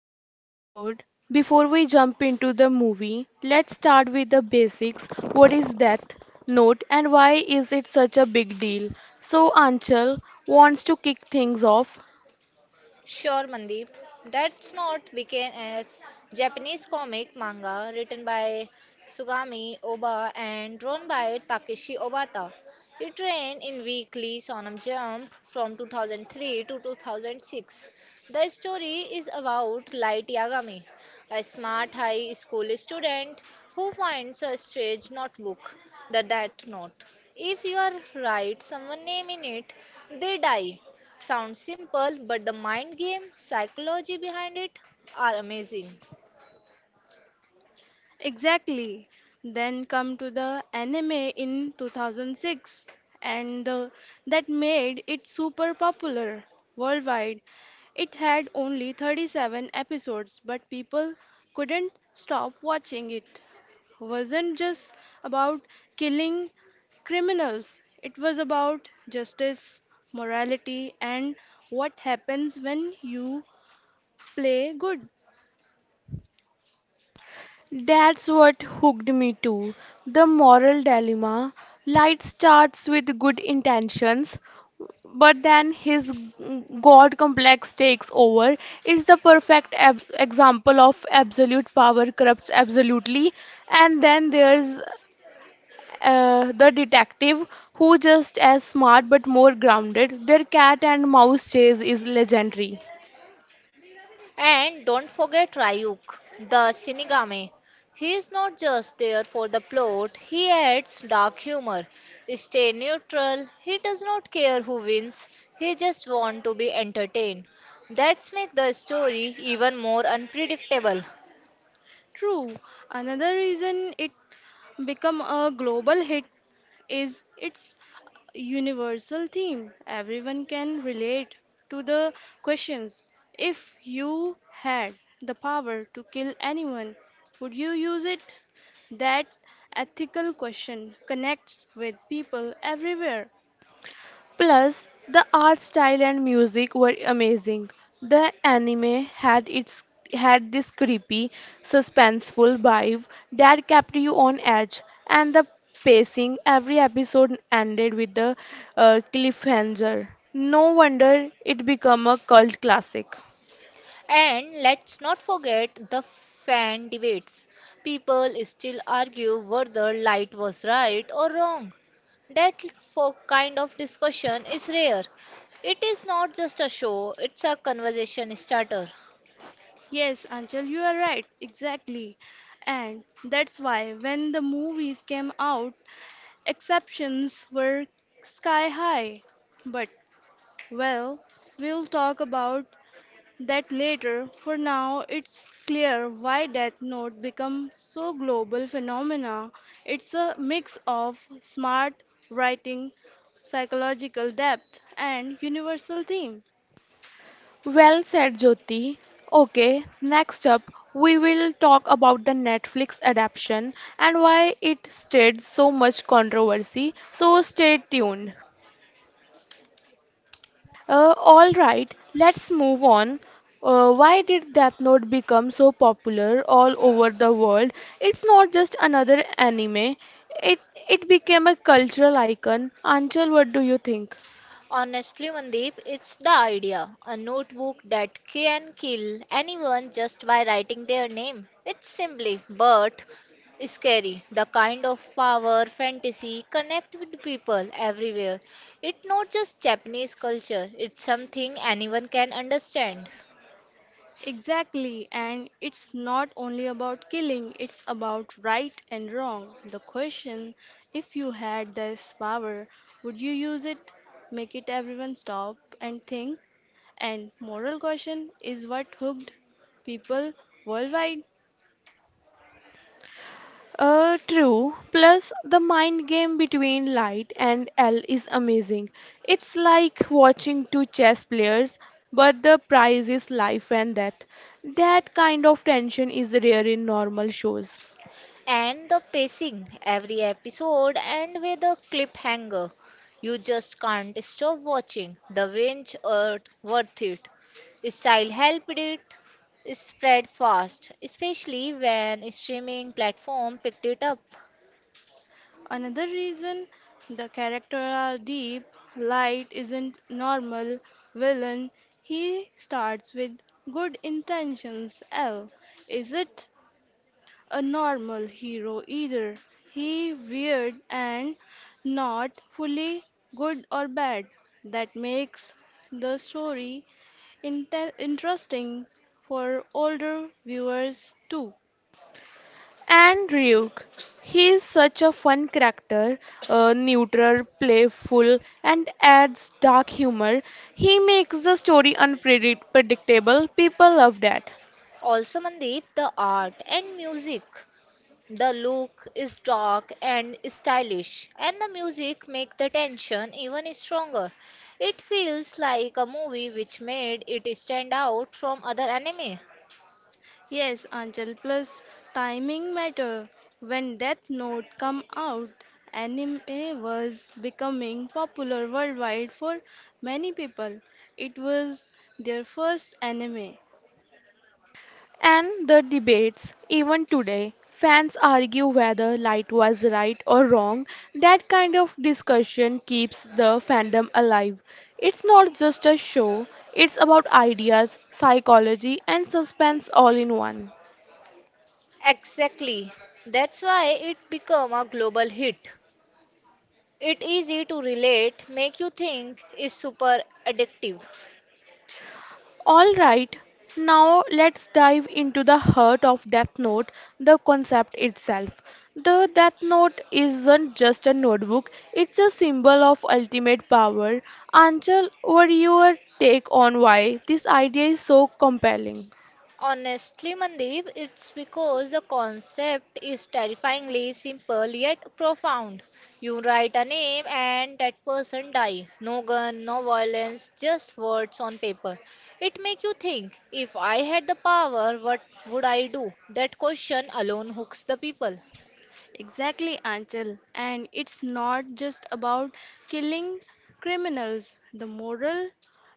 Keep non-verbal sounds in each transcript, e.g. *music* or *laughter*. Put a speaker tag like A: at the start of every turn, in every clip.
A: today's episode. Before we jump into the movie, let's start with the basics. What is Death Note and why is it such a big deal? So Anchal wants to kick things off.
B: Sure, Mandeep. That's not began as Japanese comic manga written by Sugami Oba and drawn by Takeshi Obata. It ran in weekly Shonen Jump from 2003 to 2006. The story is about Light Yagami, a smart high school student who finds a strange notebook, the Death Note. If you are right someone name in it, they die. Sounds simple, but the mind game, psychology behind it are amazing.
C: Exactly. Then come to the anime in 2006 and the, that made it super popular worldwide. It had only 37 episodes but people couldn't stop watching it. Wasn't just about killing criminals. It was about justice, morality and what happens when you play good.
A: That's what hooked me too. The moral dilemma. Light starts with good intentions, but then his god complex takes over. It's the perfect example of absolute power corrupts absolutely. And then there's the detective who just as smart but more grounded. Their cat and mouse chase is legendary.
B: And don't forget Ryuk, the Shinigami. He is not just there for the plot, he adds dark humor. Stay neutral, he does not care who wins, he just wants to be entertained. That's make the story even more unpredictable.
C: True. Another reason it become a global hit is its universal theme. Everyone can relate to the questions. If you had the power to kill anyone, would you use it? That ethical question connects with people everywhere.
A: Plus, the art style and music were amazing. The anime had its Had this creepy, suspenseful vibe that kept you on edge, and the pacing every episode ended with a cliffhanger. No wonder it became a cult classic.
B: And let's not forget the fan debates. People still argue whether light was right or wrong. That for kind of discussion is rare. It is not just a show, it's a conversation starter.
C: Yes, Anchal, you are right. Exactly. And that's why when the movies came out, exceptions were sky high. But, well, we'll talk about that later. For now, it's clear why Death Note become so global phenomena. It's a mix of smart writing, psychological depth, and universal theme.
A: Well said, Jyoti. Okay, next up, we will talk about the Netflix adaptation and why it stirred so much controversy. So stay tuned. All right, let's move on. Why did Death Note become so popular all over the world? It's not just another anime. It it became a cultural icon. Anchal, what do you think?
B: Honestly, Mandeep, it's the idea. A notebook that can kill anyone just by writing their name. It's simply, but scary. The kind of power fantasy connect with people everywhere. It's not just Japanese culture, it's something anyone can understand.
C: Exactly, and it's not only about killing, it's about right and wrong. The question if you had this power, would you use it? Make it everyone stop and think. And moral question is what hooked people worldwide.
A: True. Plus, the mind game between Light and L is amazing. It's like watching two chess players, but the prize is life and death. That kind of tension is rare in normal shows.
B: And the pacing, every episode and with a cliffhanger. You just can't stop watching. The binge are worth it. Style helped it spread fast, especially when streaming platform picked it up.
C: Another reason the character are deep, light isn't normal villain. He starts with good intentions. L. Is it? A normal hero either. He weird and not fully good or bad. That makes the story interesting for older viewers too.
A: And Ryuk, he is such a fun character, neutral, playful, and adds dark humor. He makes the story unpredictable. People love that.
B: Also, Mandeep, the art and music. The look is dark and stylish, and the music makes the tension even stronger. It feels like a movie which made it stand out from other anime.
C: Yes, Anjal, plus timing matter. When Death Note come out, anime was becoming popular worldwide for many people. It was their first anime.
A: And the debates, even today, fans argue whether Light was right or wrong. That kind of discussion keeps the fandom alive. It's not just a show, it's about ideas, psychology, and suspense all in one.
B: Exactly. That's why it became a global hit. It easy to relate, make you think is super addictive.
A: All right, now let's dive into the heart of Death Note, the concept itself. The Death Note isn't just a notebook, it's a symbol of ultimate power. Anchal, what your take on why this idea is so compelling?
B: Honestly, Mandeep, it's because the concept is terrifyingly simple yet profound. You write a name and that person die. No gun, no violence, just words on paper. It make you think, if I had the power, what would I do? That question alone hooks the people.
C: Exactly, Anchal. And it's not just about killing criminals. The moral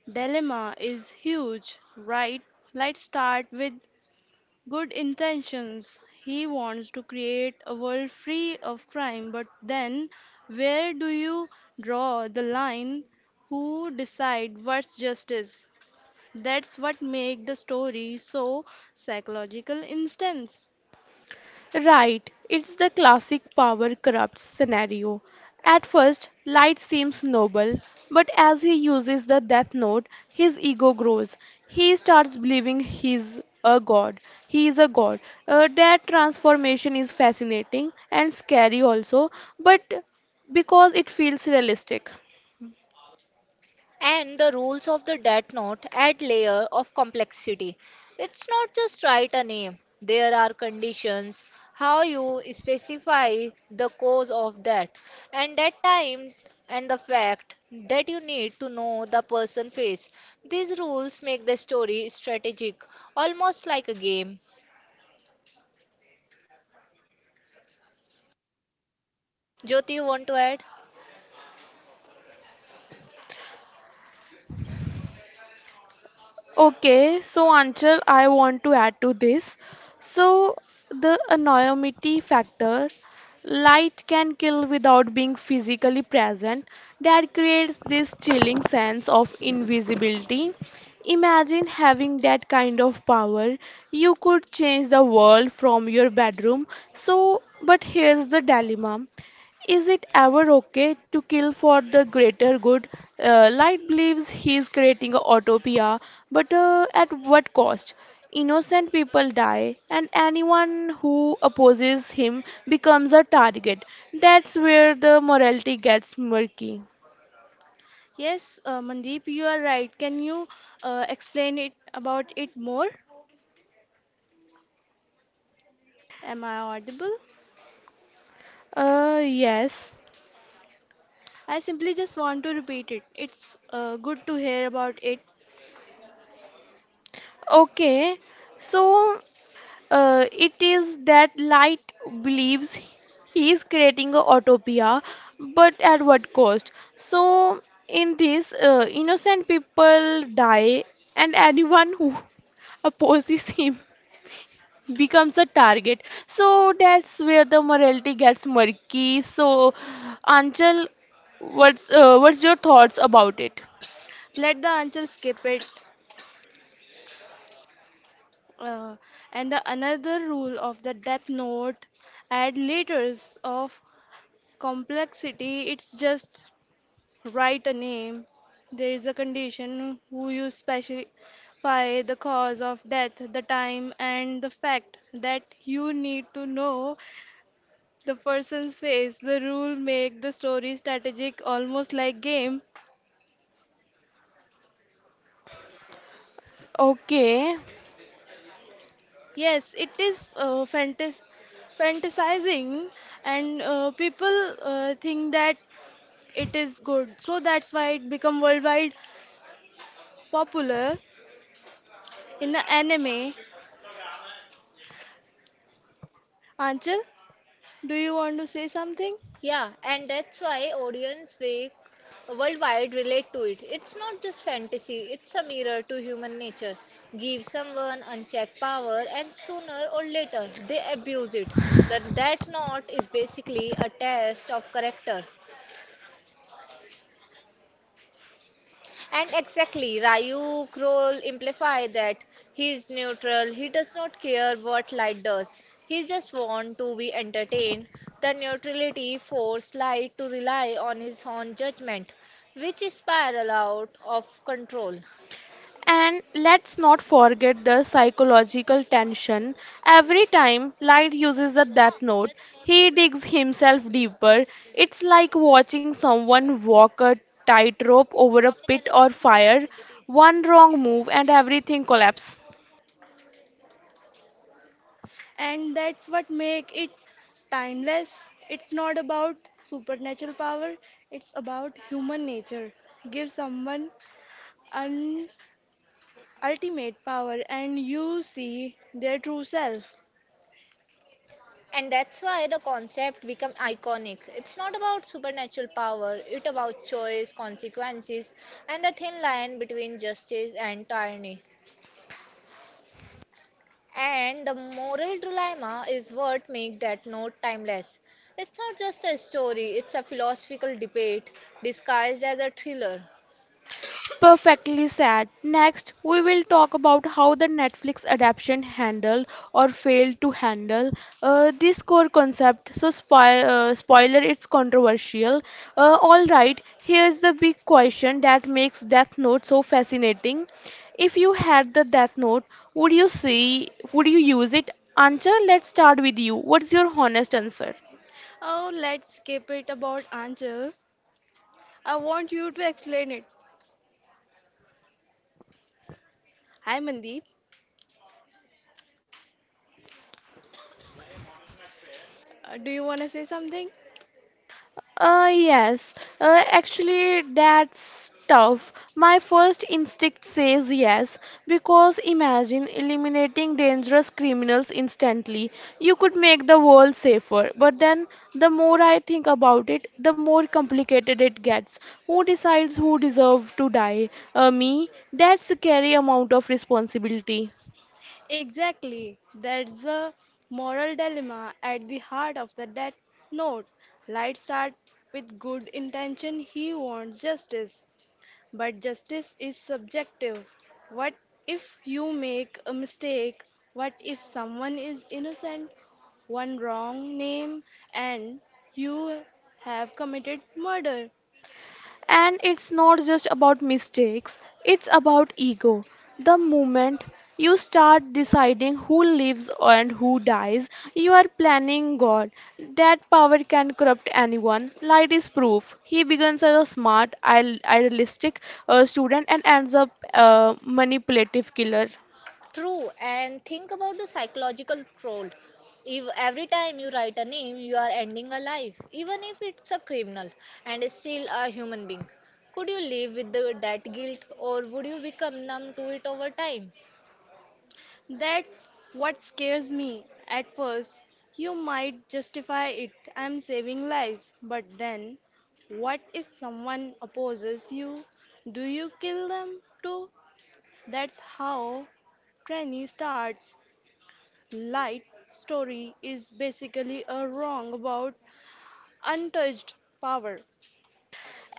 C: dilemma is huge, right? Let's start with good intentions. He wants to create a world free of crime, but then where do you draw the line? Who decide what's justice? That's what make the story so psychological instance.
A: Right, it's the classic power corrupts scenario. At first, Light seems noble, but as he uses the Death Note, his ego grows. He starts believing he's a god. He is a god. That transformation is fascinating and scary also, but because it feels realistic.
B: And the rules of the death note add layer of complexity. It's not just write a name. There are conditions, how you specify the cause of that, and that time and the fact that you need to know the person face. These rules make the story strategic, almost like a game. Jyoti, you want to add?
A: Okay, so Anchal, I want to add to this. So, the anonymity factor, light can kill without being physically present, that creates this chilling sense of invisibility. Imagine having that kind of power. You could change the world from your bedroom. So, but here's the dilemma. Is it ever okay to kill for the greater good? Light believes he is creating a utopia, but at what cost? Innocent people die, and anyone who opposes him becomes a target. That's where the morality gets murky.
C: Yes, Mandeep, you are right. Can you explain it about it more? Am I audible?
A: Yes.
C: I simply just want to repeat it. It's good to hear about it.
A: Okay. So it is that light believes he is creating a utopia, but at what cost? So, in this, innocent people die, and anyone who *laughs* opposes him *laughs* becomes a target. So, that's where the morality gets murky. So, Anchal, what's your thoughts about it?
C: Let the answer skip it. Uh, and the another rule of the Death Note: add layers of complexity. It's just write a name. There is a condition who you specify the cause of death, the time, and the fact that you need to know the person's face. The rule make the story strategic, almost like game.
A: Okay.
C: Yes, it is fantasizing, and people think that it is good. So that's why it become worldwide popular in the anime. Anchal, do you want to say something?
B: Yeah, and that's why audience wake worldwide relate to it. It's not just fantasy, it's a mirror to human nature. Give someone unchecked power and sooner or later they abuse it. That knot is basically a test of character. And exactly, Rayu Kroll implies that he's neutral. He does not care what light does. He just wants to be entertained. The neutrality forces light to rely on his own judgment, which is spiral out of control.
A: And let's not forget the psychological tension. Every time Light uses the death note, he digs himself deeper. It's like watching someone walk a tightrope over a pit or fire. One wrong move and everything collapses.
C: And that's what make it timeless. It's not about supernatural power, it's about human nature. Give someone an ultimate power and you see their true self.
B: And that's why the concept become iconic. It's not about supernatural power, it's about choice, consequences, and the thin line between justice and tyranny. And the moral dilemma is what makes that note timeless. It's not just a story, it's a philosophical debate disguised as a thriller.
A: Perfectly said. Next, we will talk about how the Netflix adaptation handled or failed to handle this core concept. So, spoiler, it's controversial. All right, here's the big question that makes Death Note so fascinating. If you had the Death Note, would you use it? Ancha, let's start with you. What's your honest answer?
C: Oh, let's keep it about Angel. I want you to explain it. Hi Mandeep, do you want to say something?
A: Yes, Actually, that's tough. My first instinct says yes, because imagine eliminating dangerous criminals instantly. You could make the world safer, but then the more I think about it, the more complicated it gets. Who decides who deserves to die? Me? That's a scary amount of responsibility.
C: Exactly. That's the moral dilemma at the heart of the death note. Light starts with good intention. He wants justice. But justice is subjective. What if you make a mistake? What if someone is innocent? One wrong name and you have committed murder.
A: And it's not just about mistakes, it's about ego. The moment you start deciding who lives and who dies, you are planning God. That power can corrupt anyone. Light is proof. He begins as a smart, idealistic student and ends up a manipulative killer.
B: True, and think about the psychological troll. If every time you write a name, you are ending a life, even if it's a criminal and is still a human being. Could you live with that guilt or would you become numb to it over time?
C: That's what scares me. At first, you might justify it, I'm saving lives. But then, what if someone opposes you? Do you kill them too? That's how Tranny starts. Light story is basically a wrong about untouched power.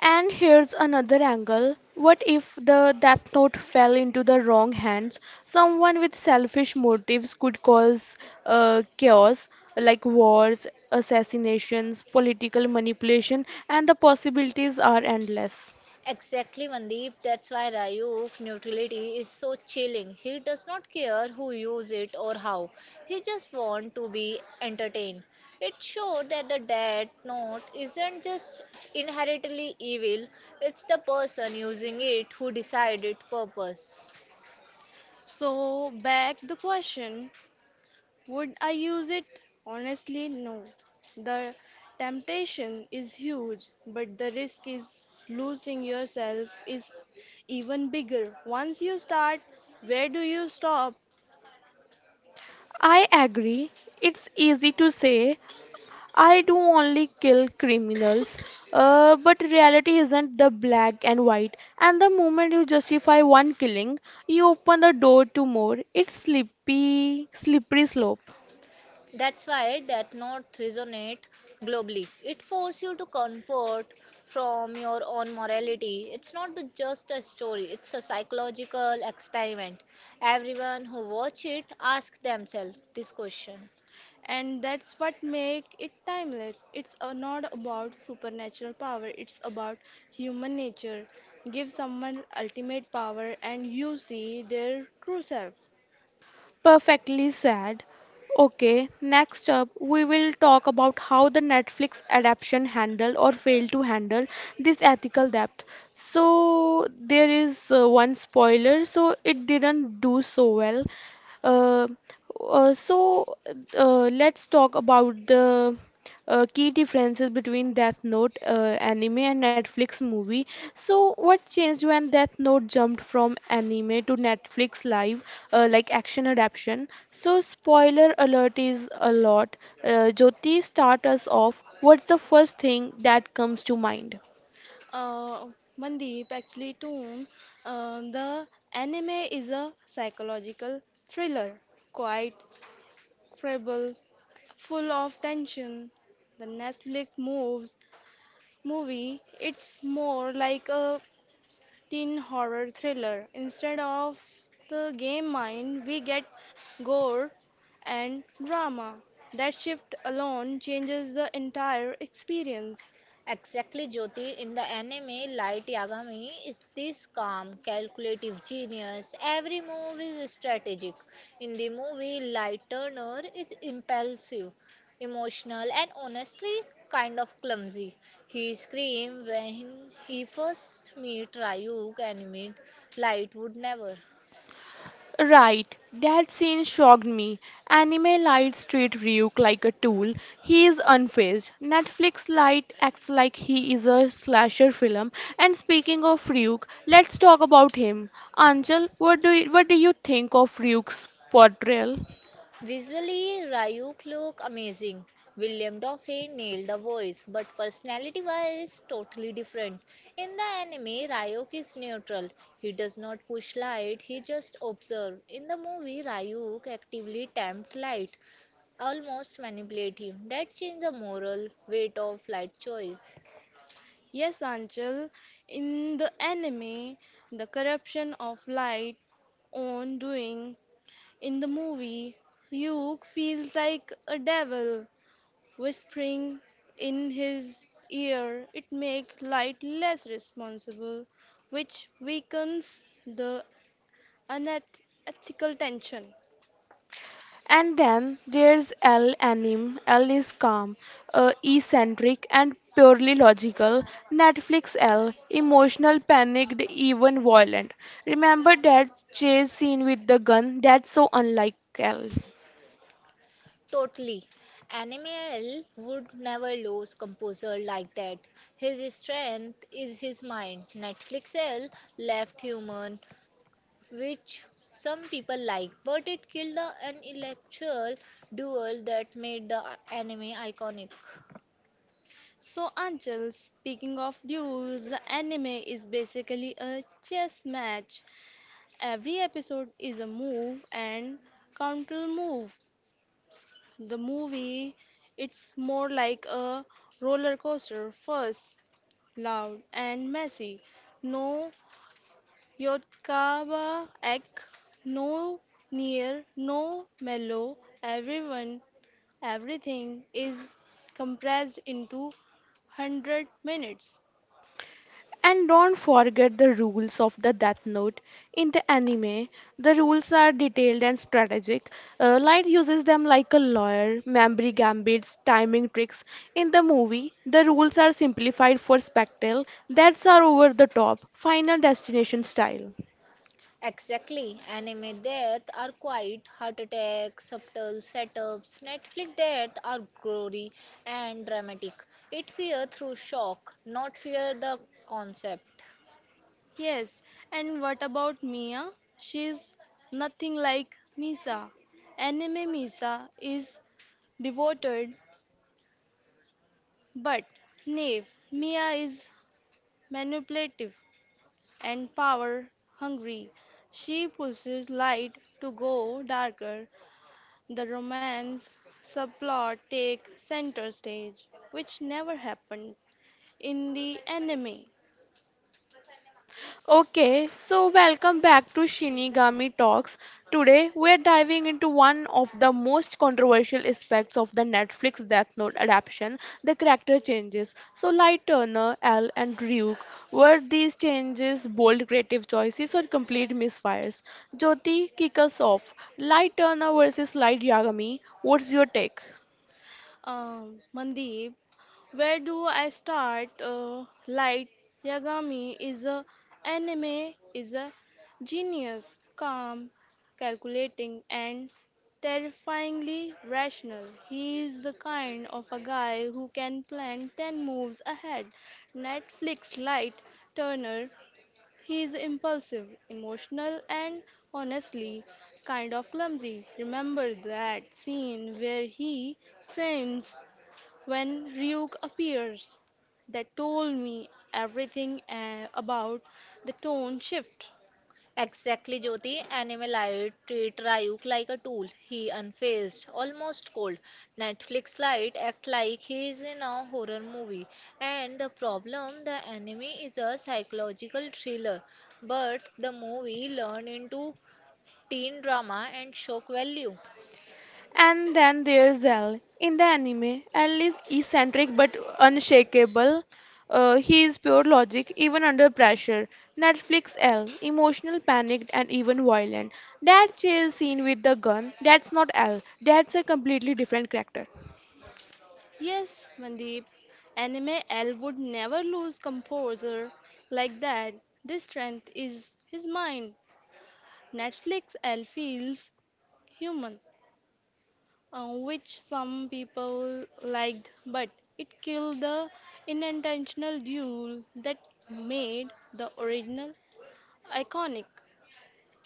A: And here's another angle. What if the death note fell into the wrong hands? Someone with selfish motives could cause chaos like wars, assassinations, political manipulation, and the possibilities are endless.
B: Exactly, Mandeep. That's why Ryuk neutrality is so chilling. He does not care who use it or how. He just want to be entertained. It showed that the death note isn't just inherently evil. It's the person using it who decide its purpose.
C: So, back the question, would I use it? Honestly, no. The temptation is huge, but the risk is losing yourself is even bigger. Once you start, where do you stop?
A: I agree. It's easy to say I do only kill criminals, but reality isn't the black and white. And the moment you justify one killing, you open the door to more. It's slippery, slippery slope.
B: That's why that note resonate globally. It forces you to comfort from your own morality. It's not just a story, it's a psychological experiment. Everyone who watch it ask themselves this question.
C: And that's what makes it timeless. It's not about supernatural power, it's about human nature. Give someone ultimate power and you see their true self.
A: Perfectly said. Okay, next up, we will talk about how the Netflix adaptation handled or failed to handle this ethical debt. So, there is one spoiler, so it didn't do so well. Uh, uh, so, let's talk about the key differences between Death Note anime and Netflix movie. So, what changed when Death Note jumped from anime to Netflix live? Like action adaptation. So, spoiler alert is a lot. Jyoti, start us off. What's the first thing that comes to mind?
C: Uh, Mandeep, actually, too, the anime is a psychological thriller, quite incredible, full of tension. The Netflix moves movie, it's more like a teen horror thriller. Instead of the game mind, we get gore and drama. That shift alone changes the entire experience.
B: Exactly, Jyoti. In the anime, Light Yagami is this calm, calculative genius. Every move is strategic. In the movie, Light Turner is impulsive, emotional, and honestly kind of clumsy. He screamed when he first meet Ryuk and meet Light would never.
A: Right, that scene shocked me. Anime lights treat Ryuk like a tool. He is unfazed. Netflix light acts like he is a slasher film. And speaking of Ryuk, let's talk about him. Anjal, what do you think of Ryuk's portrayal?
B: Visually, Ryuk looked amazing. William Dafoe nailed the voice, but personality-wise, totally different. In the anime, Ryuk is neutral. He does not push light, he just observes. In the movie, Ryuk actively tempts light, almost manipulate him. That changed the moral weight of light choice.
C: Yes, Anchal, in the anime, the corruption of light on doing. In the movie, Ryuk feels like a devil whispering in his ear. It makes light less responsible, which weakens the unethical tension.
A: And then there's L Anim. L is calm, eccentric, and purely logical. Netflix L, emotional, panicked, even violent. Remember that chase scene with the gun? That's so unlike L.
B: Totally. Animal would never lose composure like that. His strength is his mind. Netflix L left human, which some people like, but it killed the intellectual duel that made the anime iconic.
C: So, Anchal, speaking of duels, the anime is basically a chess match. Every episode is a move and counter move. The movie, it's more like a roller coaster. First, loud and messy. No Yotkaba ek, no near, no mellow. Everyone, Everything is compressed into 100 minutes.
A: And don't forget the rules of the Death Note. In the anime, the rules are detailed and strategic. Light uses them like a lawyer, memory gambits, timing tricks. In the movie, the rules are simplified for spectacle. That's are over the top, Final Destination style.
B: Exactly. Anime death are quiet, heart attacks, subtle setups. Netflix death are gory and dramatic. It fear through shock, not fear the concept.
C: Yes, and what about Mia? She's nothing like Misa. Anime Misa is devoted but naive. Mia is manipulative and power hungry. She pushes light to go darker. The romance subplot take center stage, which never happened in the anime.
A: Okay, so welcome back to Shinigami Talks. Today we're diving into one of the most controversial aspects of the Netflix Death Note adaptation, the character changes. So Light Turner, L and Ryuk, were these changes bold creative choices or complete misfires? Jyoti, kick us off. Light Turner versus Light Yagami, what's your take?
C: Mandeep, where do I start? Light Yagami is a anime is a genius, calm, calculating, and terrifyingly rational. He is the kind of a guy who can plan 10 moves ahead. Netflix Light Turner. He is impulsive, emotional, and honestly kind of clumsy. Remember that scene where he swims when Ryuk appears, that told me everything about the tone shift.
B: Exactly, Jyoti. Animal Anime treat Ryuk like a tool. He unfazed, almost cold. Netflix light act like he is in a horror movie. And the problem, the enemy is a psychological thriller, but the movie learned into teen drama and shock value.
A: And then there's L. In the anime, L is eccentric but unshakable. He is pure logic, even under pressure. Netflix L, emotional, panicked, and even violent. That chase scene with the gun, that's not L. That's a completely different character.
C: Yes, Mandeep, anime L would never lose composer like that. This strength is his mind. Netflix L feels human, which some people liked, but it killed the unintentional duel that made the original iconic.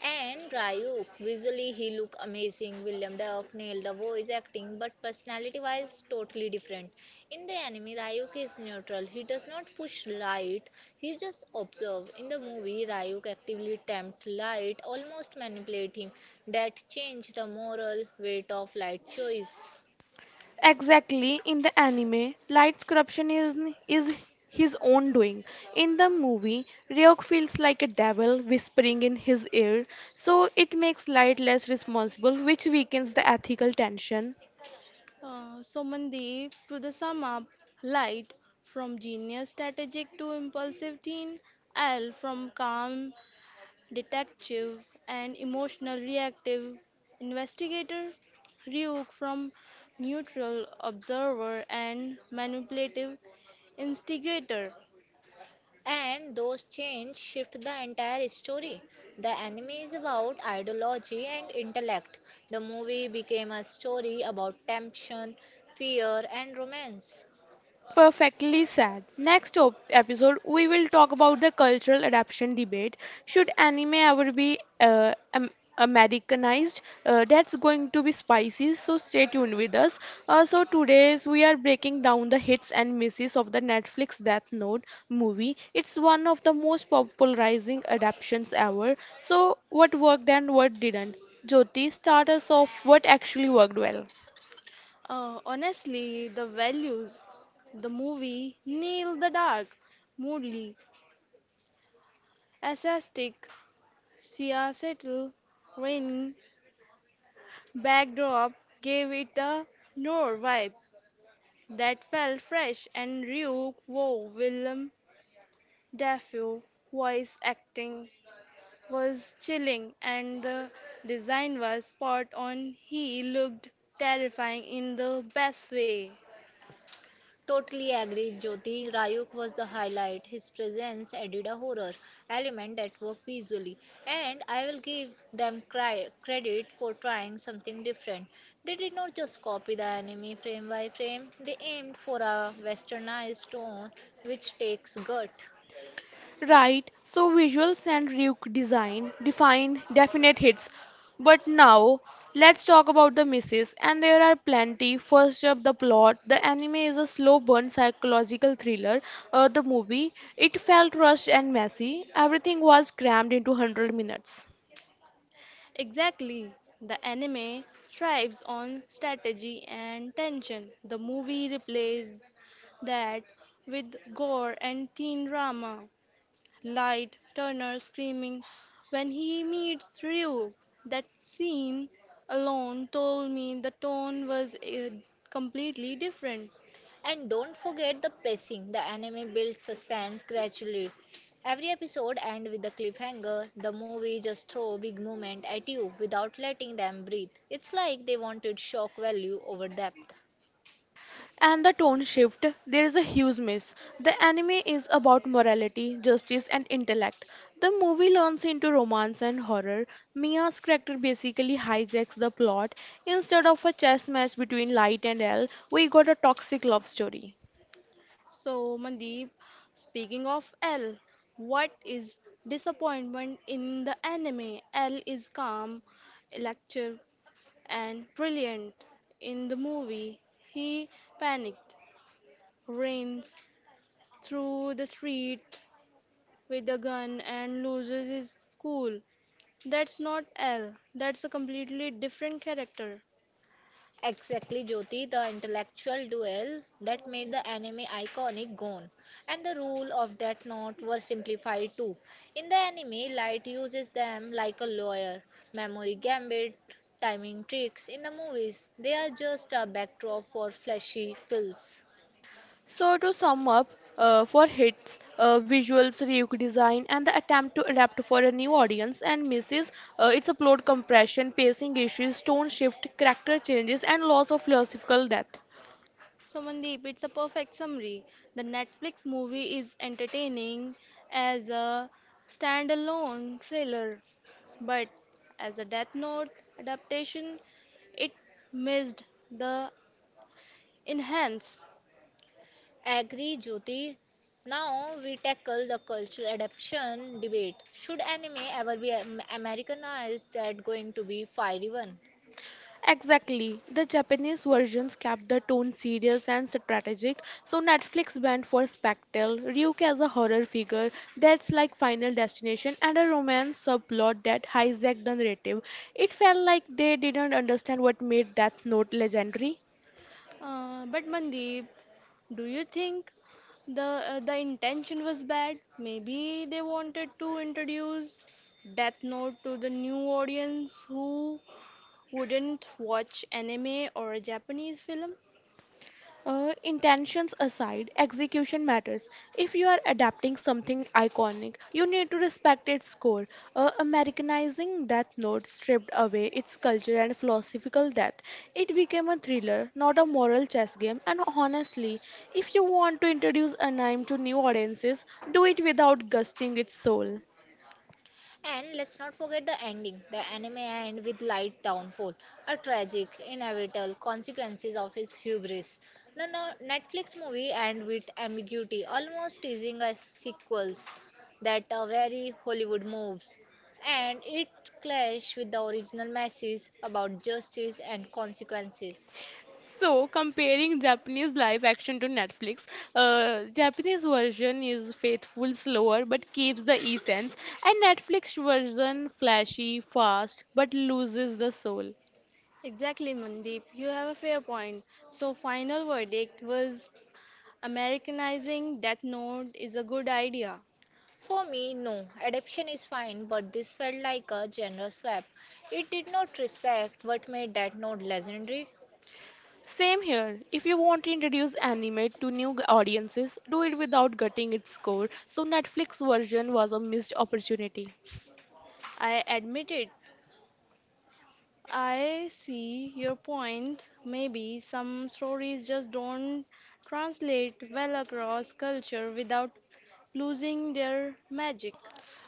B: And Ryuk, visually he look amazing. William Duff nailed the voice acting, but personality-wise, totally different. In the anime, Ryuk is neutral. He does not push light. He just observe. In the movie, Ryuk actively tempt light, almost manipulate him. That change the moral weight of light choice.
A: Exactly, in the anime, is his own doing. In the movie, Ryok feels like a devil whispering in his ear, so it makes Light less responsible, which weakens the ethical tension.
C: So Mandeep, to the sum up, light from genius strategic to impulsive teen, L from calm detective and emotional reactive investigator, Ryuk from neutral observer and manipulative instigator.
B: And those changes shift the entire story. The anime is about ideology and intellect. The movie became a story about temptation, fear, and romance.
A: Perfectly said. Next episode, we will talk about the cultural adaptation debate. Should anime ever be Americanized? That's going to be spicy, so stay tuned with us. So today's we are breaking down the hits and misses of the Netflix Death Note movie. It's one of the most popularizing adaptations ever. So what worked and what didn't? Jyoti, start us off. What actually worked well?
C: Honestly, the values, the movie Neil the Dark, Moodley, Assastic, Sia Settle, backdrop gave it a noir vibe that felt fresh, and Rue Wow Willem Dafoe voice acting was chilling, and the design was spot on. He looked terrifying in the best way.
B: Totally agree, Jyoti. Rayuk was the highlight. His presence added a horror element that worked visually. And I will give them credit for trying something different. They did not just copy the anime frame by frame, they aimed for a westernized tone which takes gut.
A: Right, so visuals and Ryuk design define definite hits. But now, let's talk about the misses, and there are plenty. First up, the plot. The anime is a slow burn psychological thriller. The movie, it felt rushed and messy. Everything was crammed into 100 minutes.
C: Exactly. The anime thrives on strategy and tension. The movie replaces that with gore and teen drama. Light Turner screaming when he meets Ryuk. That scene alone told me the tone was completely different.
B: And don't forget the pacing. The anime builds suspense gradually. Every episode ends with a cliffhanger. The movie just throw big moment at you without letting them breathe. It's like they wanted shock value over depth.
A: And the tone shift, there is a huge miss. The anime is about morality, justice, and intellect. The movie leans into romance and horror. Mia's character basically hijacks the plot. Instead of a chess match between Light and L, we got a toxic love story.
C: So, Mandeep, speaking of L, what is disappointment in the anime? L is calm, electric, and brilliant. In the movie, he panicked, runs through the street with a gun, and loses his cool. That's not L. That's a completely different character.
B: Exactly, Jyoti, the intellectual duel that made the anime iconic Gon, and the rule of that knot were simplified too. In the anime, Light uses them like a lawyer, memory gambit, timing tricks. In the movies, they are just a backdrop for flashy kills.
A: So, to sum up, for hits, visuals, reuk design, and the attempt to adapt for a new audience and misses, it's a plot compression, pacing issues, tone shift, character changes, and loss of philosophical depth.
C: So, Mandeep, it's a perfect summary. The Netflix movie is entertaining as a standalone thriller, but as a Death Note adaptation, it missed the enhance.
B: Agree, Jyoti. Now we tackle the cultural adaptation debate. Should anime ever be Americanized? That going to be fiery one.
A: Exactly. The Japanese versions kept the tone serious and strategic, so Netflix went for Spectre, Ryuk as a horror figure that's like Final Destination, and a romance subplot that hijacked the narrative. It felt like they didn't understand what made Death Note legendary.
C: But Mandeep, do you think the the intention was bad? Maybe they wanted to introduce Death Note to the new audience who wouldn't watch anime or a Japanese film?
A: Intentions aside, execution matters. If you are adapting something iconic, you need to respect its core. Americanizing Death Note stripped away its culture and philosophical depth. It became a thriller, not a moral chess game. And honestly, if you want to introduce anime to new audiences, do it without gusting its soul.
B: And let's not forget the ending. The anime end with Light downfall, a tragic, inevitable consequences of his hubris. The Netflix movie end with ambiguity, almost teasing a sequels that are very Hollywood moves, and it clash with the original message about justice and consequences.
A: So, comparing Japanese live action to Netflix, Japanese version is faithful, slower, but keeps the essence, and Netflix version flashy, fast, but loses the soul.
C: Exactly, Mandeep. You have a fair point. So, final verdict was Americanizing Death Note is a good idea.
B: For me, no, adaptation is fine, but this felt like a genre swap. It did not respect what made that note legendary.
A: Same here. If you want to introduce anime to new audiences, do it without gutting its core. So Netflix version was a missed opportunity.
C: I admit it. I see your point. Maybe some stories just don't translate well across culture without losing their magic.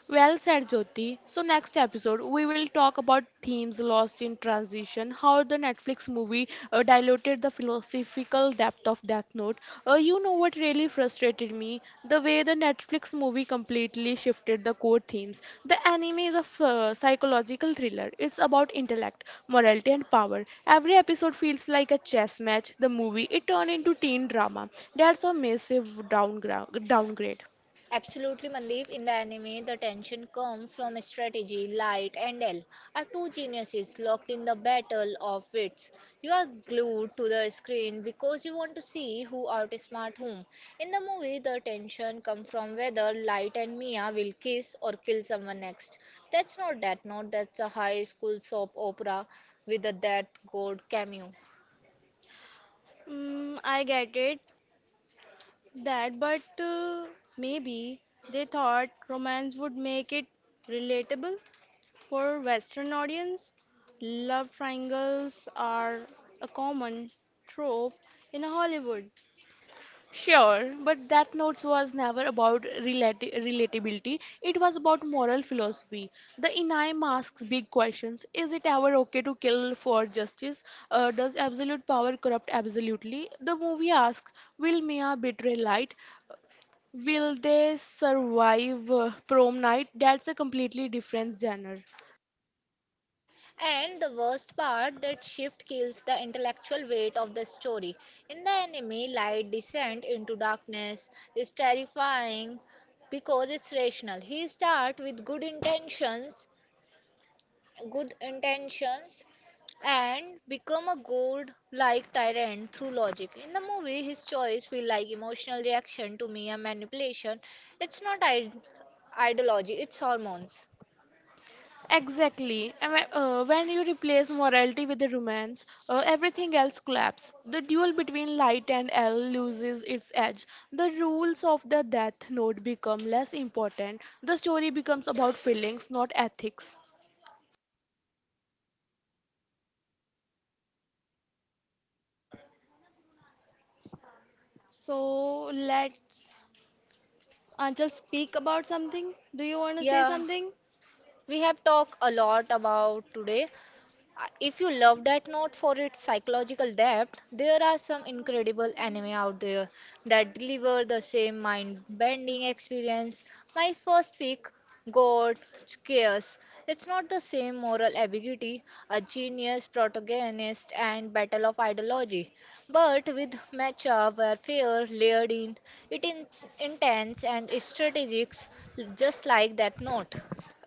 A: Well said, Jyoti. So, next episode, we will talk about themes lost in transition, how the Netflix movie diluted the philosophical depth of Death Note. You know what really frustrated me? The way the Netflix movie completely shifted the core themes. The anime is a psychological thriller, it's about intellect, morality, and power. Every episode feels like a chess match. The movie, it turned into teen drama. That's a massive downgrade.
B: Absolutely, Mandeep. In the anime, the tension comes from strategy. Light and L are two geniuses locked in the battle of wits. You are glued to the screen because you want to see who outsmart whom. In the movie, the tension comes from whether Light and Mia will kiss or kill someone next. That's not that note, that's a high school soap opera with a death god cameo.
C: Mm, I get it. That, but Maybe they thought romance would make it relatable for Western audience. Love triangles are a common trope in Hollywood.
A: Sure, but that notes was never about relatability. It was about moral philosophy. The Inayam asks big questions. Is it ever okay to kill for justice? Does absolute power corrupt absolutely? The movie asks, will Mia betray light? Will they survive prom night? That's a completely different genre.
B: And the worst part, that shift kills the intellectual weight of the story. In the anime, light descent into darkness is terrifying because it's rational. He start with good intentions, and become a god-like tyrant through logic. In the movie, his choice feel like emotional reaction to mere manipulation. It's not id- ideology, it's hormones.
A: Exactly. When you replace morality with the romance, everything else collapses. The duel between light and L loses its edge. The rules of the death note become less important. The story becomes about feelings, not ethics.
C: So let's Anchal speak about something. Do you want to say
B: Yeah,
C: something?
B: we have talked a lot about today. If you love that note for its psychological depth, there are some incredible anime out there that deliver the same mind-bending experience. My first pick, God, Chaos. It's not the same moral ambiguity, a genius protagonist, and battle of ideology, but with matchup warfare layered in, it in intense and strategic, just like that note.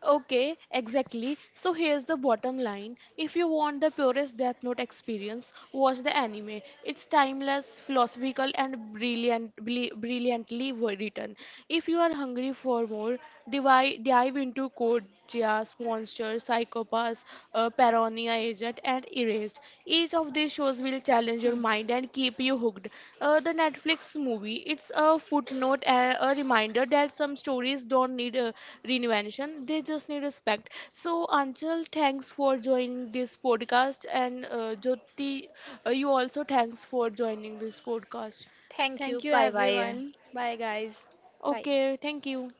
A: Okay, exactly. So here's the bottom line. If you want the purest Death Note experience, watch the anime. It's timeless, philosophical, and brilliantly written. If you are hungry for more, dive into Code Geass, Monsters, Psychopaths, Paranoia Agent, and Erased. Each of these shows will challenge your
B: Hmm.
A: mind and keep you hooked. The Netflix movie, it's a footnote, a reminder that some stories don't need reinvention, they just need respect. So, Anchal, thanks for joining this podcast, and Jyoti, you also thanks for joining this podcast.
B: Thank you.
C: Thank you,
B: Bye bye.
C: everyone. Bye, guys.
B: Bye.
A: Okay, thank you.